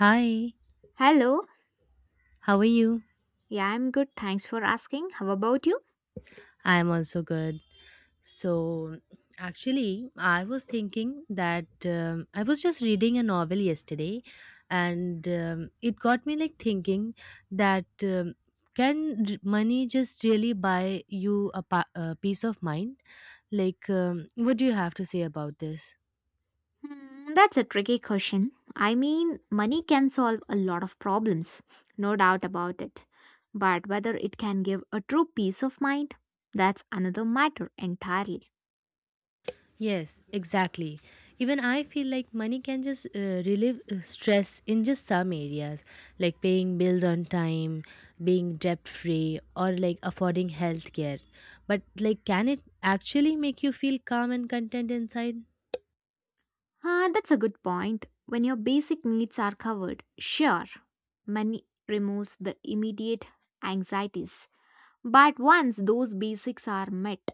Hi, Hello. how are you? Yeah, I'm good. Thanks for asking. How about you? I'm also good. So, actually, I was thinking that I was just reading a novel yesterday and it got me like thinking that can money just really buy you a peace of mind? Like, what do you have to say about this? Hmm, that's a tricky question. I mean, money can solve a lot of problems, no doubt about it. But whether it can give a true peace of mind, that's another matter entirely. Yes, exactly. Even I feel like money can just relieve stress in just some areas, like paying bills on time, being debt free, or like affording healthcare. But like, can it actually make you feel calm and content inside? Ah, that's a good point. When your basic needs are covered, sure, money removes the immediate anxieties. But once those basics are met,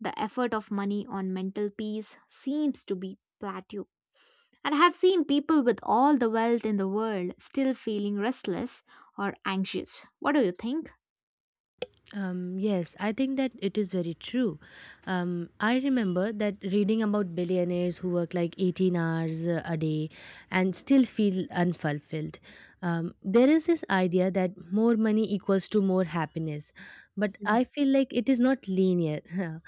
the effort of money on mental peace seems to be plateaued. And I have seen people with all the wealth in the world still feeling restless or anxious. What do you think? Yes, I think that it is very true. I remember that reading about billionaires who work like 18 hours a day and still feel unfulfilled. There is this idea that more money equals to more happiness, but I Mm. feel like it is not linear.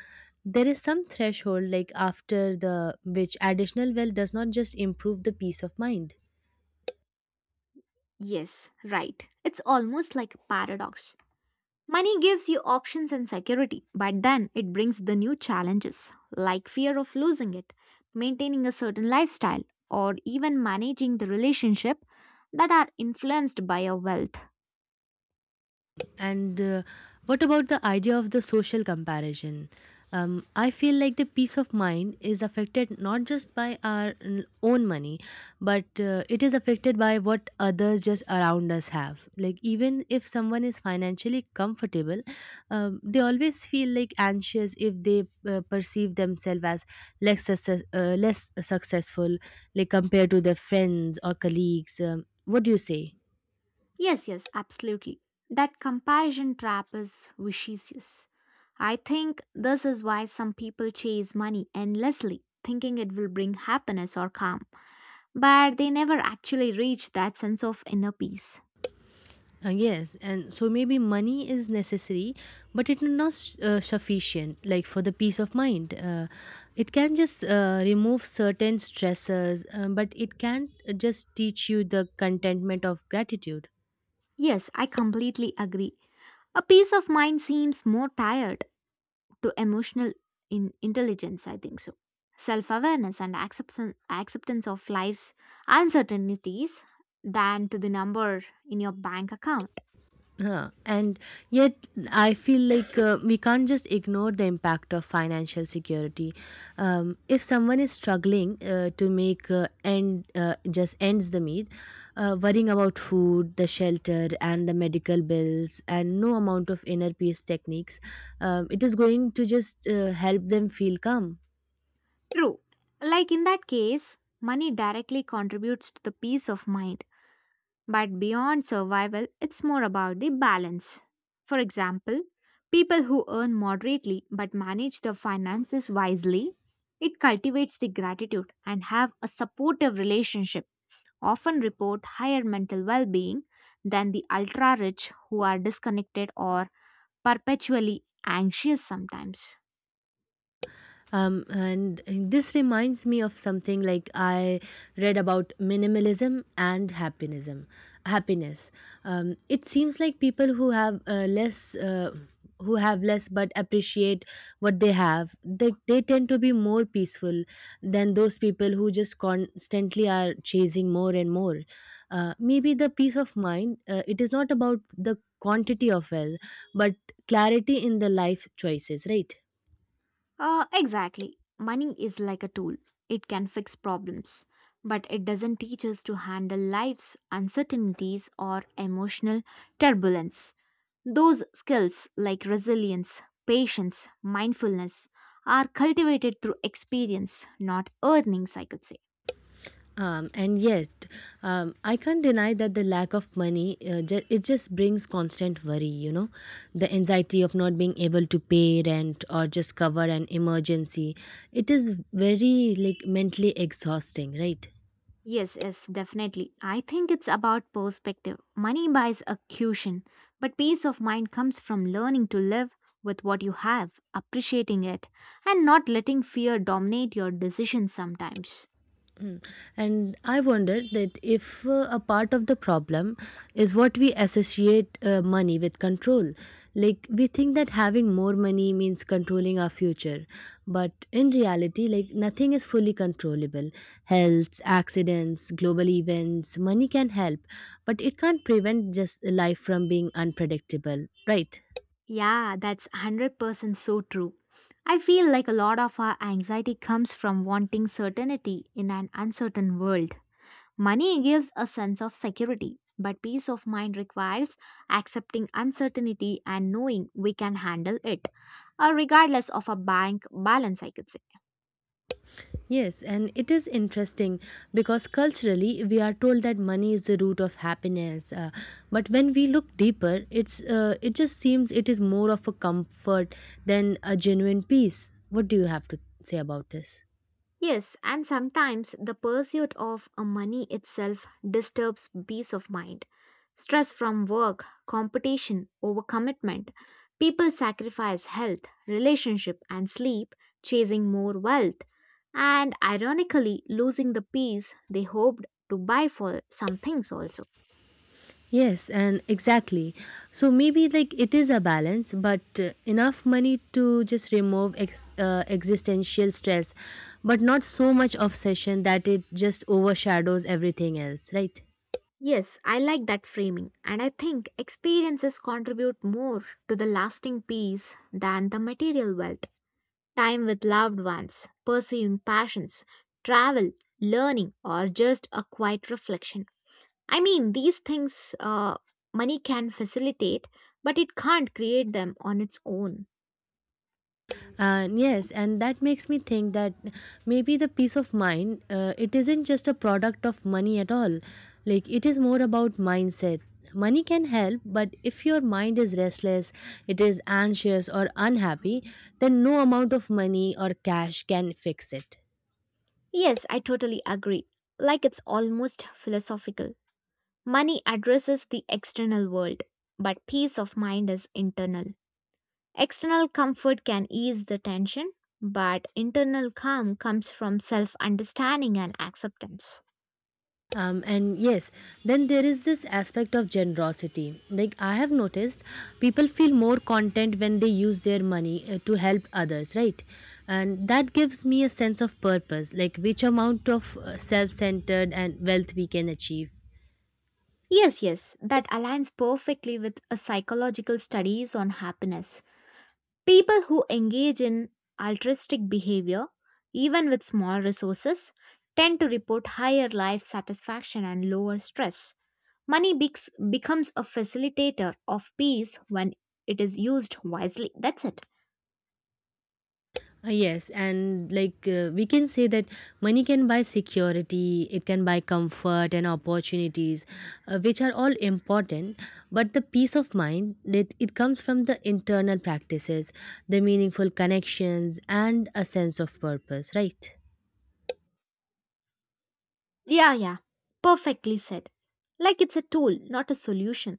There is some threshold like after the which additional wealth does not just improve the peace of mind. Yes, right. It's almost like a paradox. Money gives you options and security, but then it brings the new challenges, like fear of losing it, maintaining a certain lifestyle, or even managing the relationship that are influenced by your wealth. And what about the idea of the social comparison? I feel like the peace of mind is affected not just by our own money, but it is affected by what others just around us have. Like, even if someone is financially comfortable, they always feel like anxious if they perceive themselves as less successful, like compared to their friends or colleagues. What do you say? Yes, yes, absolutely. That comparison trap is vicious. I think this is why some people chase money endlessly, thinking it will bring happiness or calm, but they never actually reach that sense of inner peace. Yes, and so maybe money is necessary, but it is not sufficient. Like for the peace of mind, it can just remove certain stressors, but it can't just teach you the contentment of gratitude. Yes, I completely agree. A peace of mind seems more tired to emotional in intelligence, I think so. Self awareness and acceptance, acceptance of life's uncertainties than to the number in your bank account. Huh. And yet, I feel like we can't just ignore the impact of financial security. If someone is struggling to make end just ends the meet, worrying about food, the shelter, and the medical bills, and no amount of inner peace techniques, it is going to just help them feel calm. True. Like in that case, money directly contributes to the peace of mind, but beyond survival, it's more about the balance. For example, people who earn moderately but manage their finances wisely, it cultivates the gratitude and have a supportive relationship, often report higher mental well being than the ultra rich who are disconnected or perpetually anxious sometimes. And this reminds me of something like I read about minimalism and happiness. It seems like people who have less. Who have less but appreciate what they have they tend to be more peaceful than those people who just constantly are chasing more and more. Maybe the peace of mind it is not about the quantity of wealth but clarity in the life choices, right? Exactly. Money is like a tool. It can fix problems, but it doesn't teach us to handle life's uncertainties or emotional turbulence. Those skills like resilience, patience, mindfulness are cultivated through experience, not earnings, I could say. And yet, I can't deny that the lack of money it just brings constant worry. You know, the anxiety of not being able to pay rent or just cover an emergency. It is very like mentally exhausting, right? Yes, yes, definitely. I think it's about perspective. Money buys a cushion, but peace of mind comes from learning to live with what you have, appreciating it, and not letting fear dominate your decisions sometimes. Mm. And I wonder that if a part of the problem is what we associate money with control. Like, we think that having more money means controlling our future. But in reality, like, nothing is fully controllable. Health, accidents, global events, money can help, but it can't prevent just life from being unpredictable, right? Yeah, that's 100% so true. I feel like a lot of our anxiety comes from wanting certainty in an uncertain world. Money gives a sense of security, but peace of mind requires accepting uncertainty and knowing we can handle it, regardless of a bank balance, I could say. Yes, and it is interesting because culturally we are told that money is the root of happiness, but when we look deeper, it just seems it is more of a comfort than a genuine peace. What do you have to say about this? Yes, and sometimes the pursuit of money itself disturbs peace of mind. Stress from work, competition, overcommitment. People sacrifice health, relationship, and sleep chasing more wealth, and ironically losing the peace they hoped to buy for some things also. Yes, and exactly. So maybe like it is a balance, but enough money to just remove existential stress, but not so much obsession that it just overshadows everything else, right? Yes, I like that framing, and I think experiences contribute more to the lasting peace than the material wealth. Time with loved ones, pursuing passions, travel, learning, or just a quiet reflection. I mean, these things money can facilitate, but it can't create them on its own. And yes, and that makes me think that maybe the peace of mind it isn't just a product of money at all. Like it is more about mindset. Money can help, but if your mind is restless, it is anxious or unhappy, then no amount of money or cash can fix it. Yes, I totally agree. Like it's almost philosophical. Money addresses the external world, but peace of mind is internal. External comfort can ease the tension, but internal calm comes from self understanding and acceptance. And yes, then there is this aspect of generosity. Like I have noticed, people feel more content when they use their money to help others, right? And that gives me a sense of purpose, like which amount of self centered and wealth we can achieve. Yes, yes, that aligns perfectly with a psychological studies on happiness. People who engage in altruistic behavior, even with small resources, tend to report higher life satisfaction and lower stress. Money becs becomes a facilitator of peace when it is used wisely. That's it. Yes, and like we can say that money can buy security, it can buy comfort and opportunities, which are all important. But the peace of mind that it comes from the internal practices, the meaningful connections, and a sense of purpose, right? Yeah, yeah. Perfectly said. Like it's a tool, not a solution.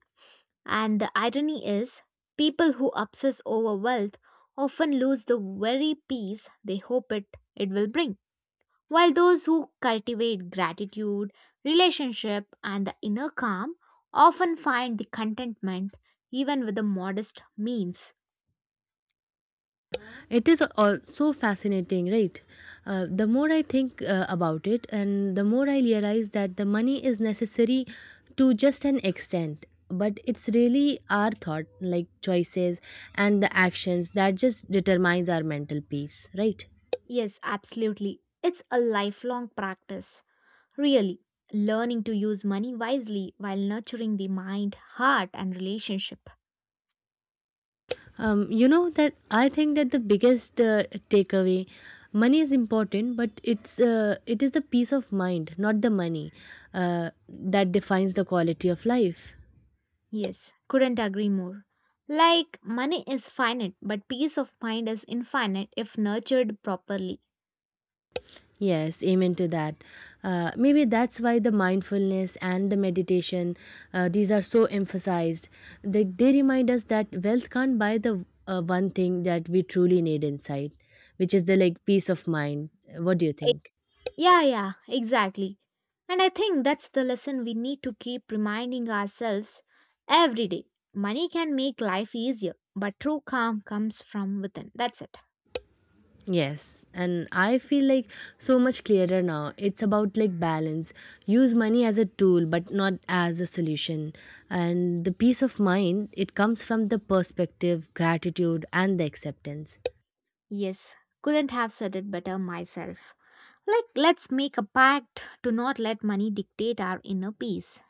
And the irony is, people who obsess over wealth often lose the very peace they hope it will bring. While those who cultivate gratitude, relationship, and the inner calm often find the contentment even with the modest means. It is also fascinating, right? The more I think about it, and the more I realize that the money is necessary to just an extent, but it's really our thought, like choices and the actions, that just determines our mental peace, right? Yes, absolutely. It's a lifelong practice, really. Learning to use money wisely while nurturing the mind, heart, and relationship. You know that I think that the biggest takeaway, money is important, but it is the peace of mind, not the money, that defines the quality of life. Yes, couldn't agree more. Like, money is finite, but peace of mind is infinite if nurtured properly. Yes, amen to that. Maybe that's why the mindfulness and the meditation, these are so emphasized. They remind us that wealth can't buy the one thing that we truly need inside, which is the like peace of mind. What do you E- think? Yeah, yeah, exactly. And I think that's the lesson we need to keep reminding ourselves every day. Money can make life easier, but true calm comes from within. That's it. Yes, and I feel like so much clearer now. It's about like balance. Use money as a tool, but not as a solution. And the peace of mind, it comes from the perspective, gratitude, and the acceptance. Yes, couldn't have said it better myself. Like, let's make a pact to not let money dictate our inner peace.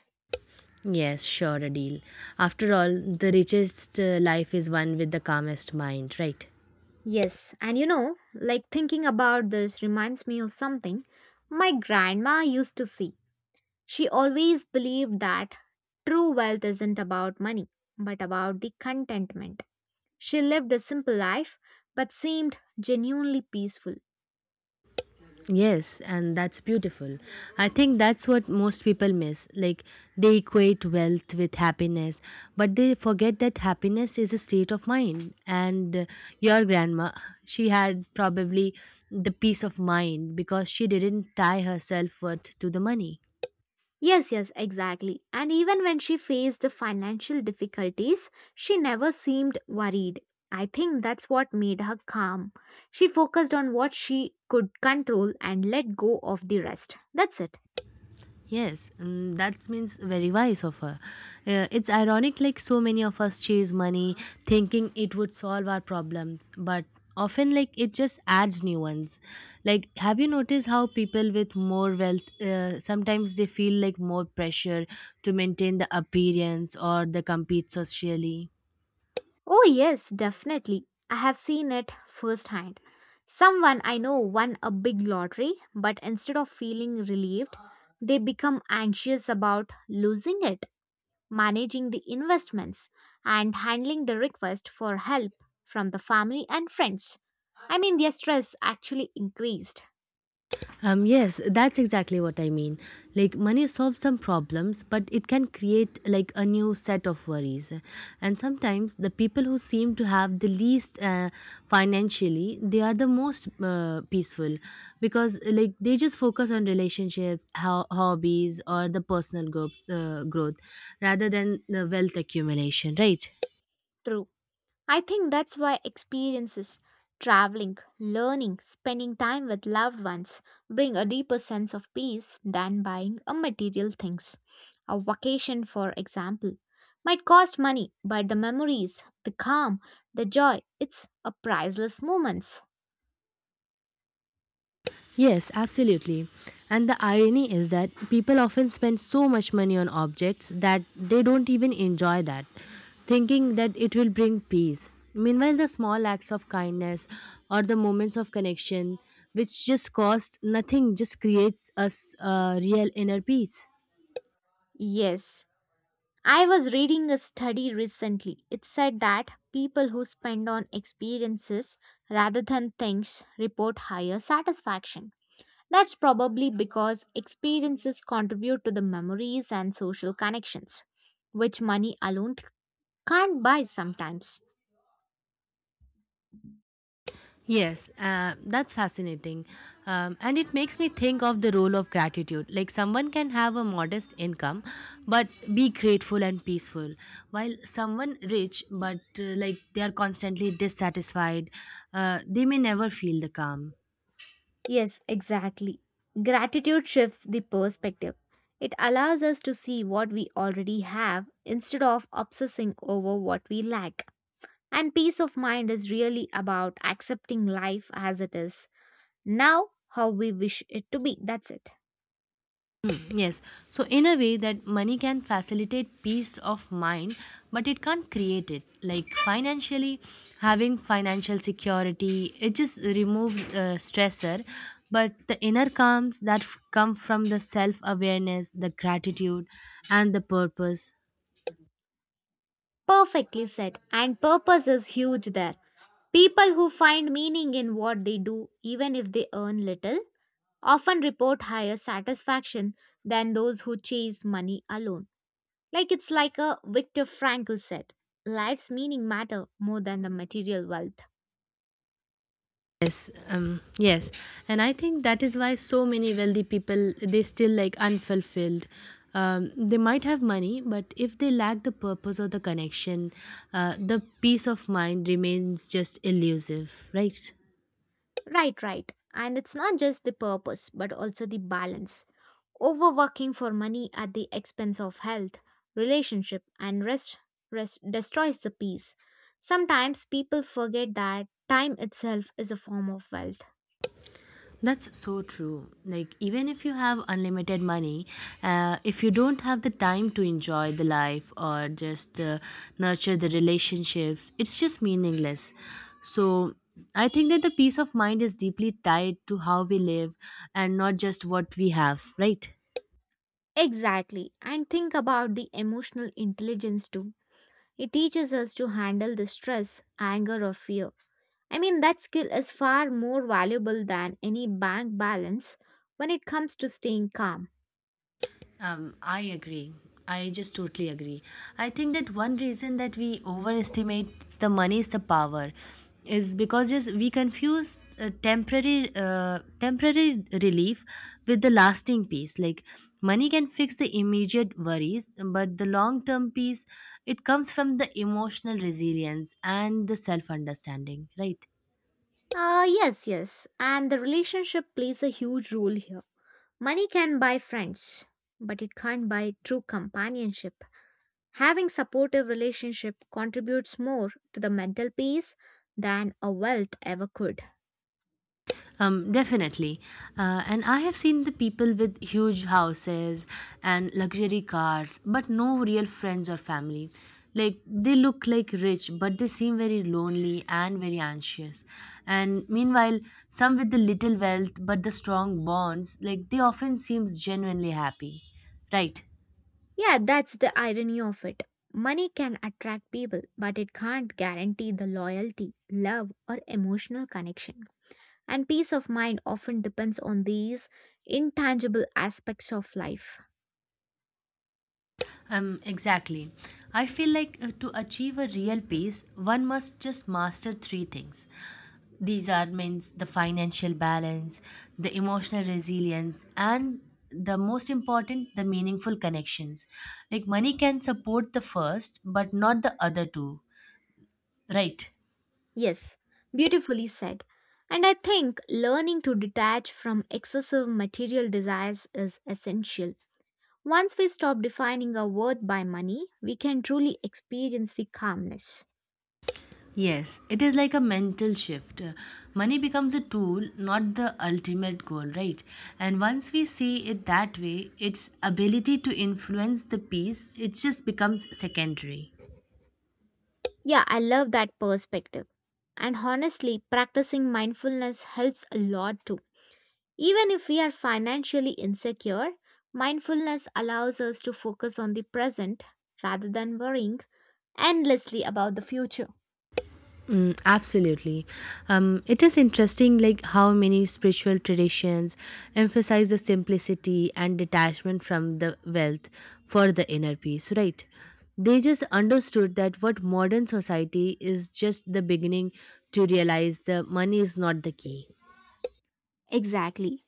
Yes, sure, a deal. After all, the richest life is one with the calmest mind, right? Yes, and you know, like thinking about this reminds me of something my grandma used to see. She always believed that true wealth isn't about money, but about the contentment. She lived a simple life but seemed genuinely peaceful. Yes, and that's beautiful. I think that's what most people miss. Like, they equate wealth with happiness, but they forget that happiness is a state of mind. And your grandma, she had probably the peace of mind because she didn't tie her self worth to the money. Yes, yes, exactly. And even when she faced the financial difficulties, she never seemed worried. I think that's what made her calm. She focused on what she could control and let go of the rest. That's it. Yes, mm, that means very wise of her. It's ironic, like so many of us chase money thinking it would solve our problems, but often, like, it just adds new ones. Like, have you noticed how people with more wealth sometimes they feel like more pressure to maintain the appearance or they compete socially? Oh, yes, definitely. I have seen it firsthand. Someone I know won a big lottery, but instead of feeling relieved, they become anxious about losing it. Managing the investments, and handling the request for help from the family and friends. I mean, their stress actually increased. Yes, that's exactly what I mean. Like, money solves some problems, but it can create like a new set of worries. And sometimes the people who seem to have the least financially, they are the most peaceful because like they just focus on relationships, hobbies, or the personal growth rather than the wealth accumulation, right? True. I think that's why experiences, traveling, learning, spending time with loved ones bring a deeper sense of peace than buying a material things. A vacation, for example, might cost money, but the memories, the calm, the joy, it's a priceless moments. Yes, absolutely. And the irony is that people often spend so much money on objects that they don't even enjoy that, thinking that it will bring peace. Meanwhile, the small acts of kindness or the moments of connection, which just cost nothing, just creates us a real inner peace. Yes, I was reading a study recently. It said that people who spend on experiences rather than things report higher satisfaction. That's probably because experiences contribute to the memories and social connections, which money alone can't buy sometimes. Yes, that's fascinating. And it makes me think of the role of gratitude. Like, someone can have a modest income, but be grateful and peaceful, while someone rich, but like they are constantly dissatisfied, they may never feel the calm. Yes, exactly. Gratitude shifts the perspective. It allows us to see what we already have instead of obsessing over what we lack. And peace of mind is really about accepting life as it is, now how we wish it to be. That's it. Hmm, yes. So, in a way, that money can facilitate peace of mind, but it can't create it. Like financially, having financial security, it just removes stressor. But the inner calms that come from the self awareness, the gratitude, and the purpose. Perfectly said. And purpose is huge there. People who find meaning in what they do, even if they earn little, often report higher satisfaction than those who chase money alone. Like it's like a Viktor Frankl said, life's meaning matter more than the material wealth. Yes, and I think that is why so many wealthy people they still like unfulfilled. They might have money but if they lack the purpose or the connection, the peace of mind remains just elusive, right? Right, right. And it's not just the purpose, but also the balance. Overworking for money at the expense of health, relationship, and rest, destroys the peace. Sometimes people forget that time itself is a form of wealth. That's so true. Like, even if you have unlimited money, if you don't have the time to enjoy the life or just nurture the relationships, it's just meaningless. So, I think that the peace of mind is deeply tied to how we live and not just what we have, right? Exactly. And think about the emotional intelligence too. It teaches us to handle the stress, anger, or fear. I mean, that skill is far more valuable than any bank balance when it comes to staying calm. I agree. I just totally agree. I think that one reason that we overestimate the money's the power is because just we confuse temporary relief with the lasting peace. Like money can fix the immediate worries, but the long term peace it comes from the emotional resilience and the self understanding, right? Yes, yes. And the relationship plays a huge role here. Money can buy friends, but it can't buy true companionship. Having supportive relationship contributes more to the mental peace than a wealth ever could. Definitely. And I have seen the people with huge houses and luxury cars, but no real friends or family. Like they look like rich, but they seem very lonely and very anxious. And meanwhile, some with the little wealth but the strong bonds, like they often seems genuinely happy. Right. Yeah, that's the irony of it. Money can attract people, but it can't guarantee the loyalty, love, or emotional connection. And peace of mind often depends on these intangible aspects of life. Exactly. I feel like to achieve a real peace, one must just master three things. These are means the financial balance, the emotional resilience, and the most important, the meaningful connections. Like money can support the first, but not the other two, right? Yes, beautifully said. And I think learning to detach from excessive material desires is essential. Once we stop defining our worth by money, we can truly experience the calmness. Yes, it is like a mental shift. Money becomes a tool, not the ultimate goal, right? And once we see it that way, its ability to influence the peace, it just becomes secondary. Yeah, I love that perspective. And honestly, practicing mindfulness helps a lot too. Even if we are financially insecure, mindfulness allows us to focus on the present rather than worrying endlessly about the future. Mm, absolutely. It is interesting, like how many spiritual traditions emphasize the simplicity and detachment from the wealth for the inner peace, right? They just understood that what modern society is just the beginning to realize the money is not the key. Exactly.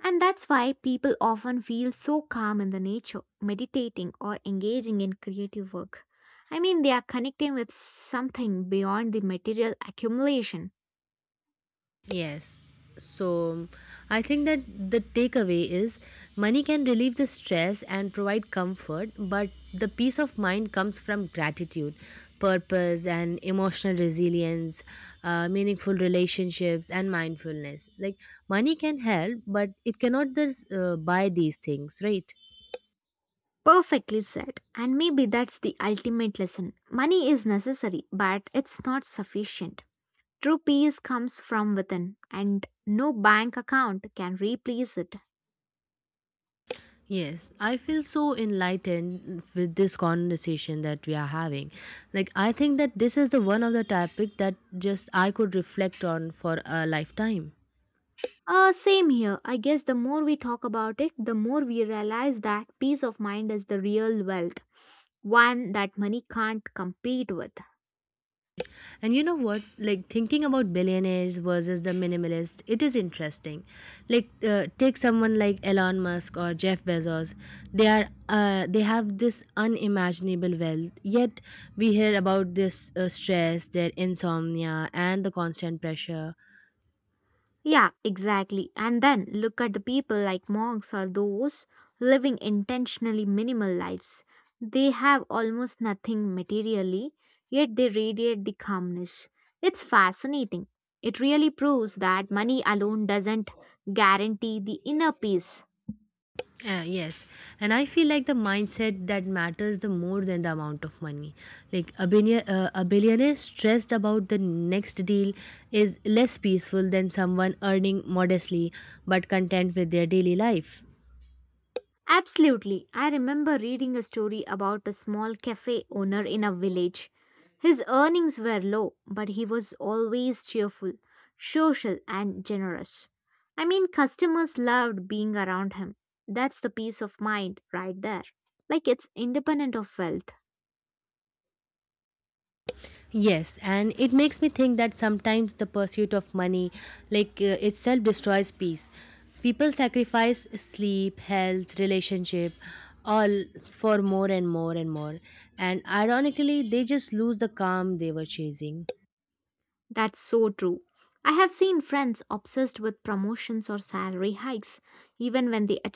And that's why people often feel so calm in the nature, meditating or engaging in creative work. I mean, they are connecting with something beyond the material accumulation. Yes. So I think that the takeaway is money can relieve the stress and provide comfort, but the peace of mind comes from gratitude, purpose, and emotional resilience, meaningful relationships, and mindfulness. Like money can help, but it cannot buy these things, right? Perfectly said. And maybe that's the ultimate lesson. Money is necessary, but it's not sufficient. True peace comes from within, and no bank account can replace it. Yes, I feel so enlightened with this conversation that we are having. Like I think that this is the one of the topic that just I could reflect on for a lifetime. Same here. I guess the more we talk about it, the more we realize that peace of mind is the real wealth, one that money can't compete with. And you know what? Like thinking about billionaires versus the minimalist, it is interesting. Like take someone like Elon Musk or Jeff Bezos. They have this unimaginable wealth. Yet we hear about this stress, their insomnia, and the constant pressure. Yeah, exactly. And then look at the people like monks or those living intentionally minimal lives. They have almost nothing materially, yet they radiate the calmness. It's fascinating. It really proves that money alone doesn't guarantee the inner peace. Yes, and I feel like the mindset that matters the more than the amount of money. Like a billionaire stressed about the next deal is less peaceful than someone earning modestly but content with their daily life. Absolutely. I remember reading a story about a small cafe owner in a village. His earnings were low, but he was always cheerful, social, and generous. I mean, customers loved being around him. That's the peace of mind right there. Like it's independent of wealth. Yes, and it makes me think that sometimes the pursuit of money, like itself, destroys peace. People sacrifice sleep, health, relationship, all for more and more and more. And ironically, they just lose the calm they were chasing. That's so true. I have seen friends obsessed with promotions or salary hikes, even when they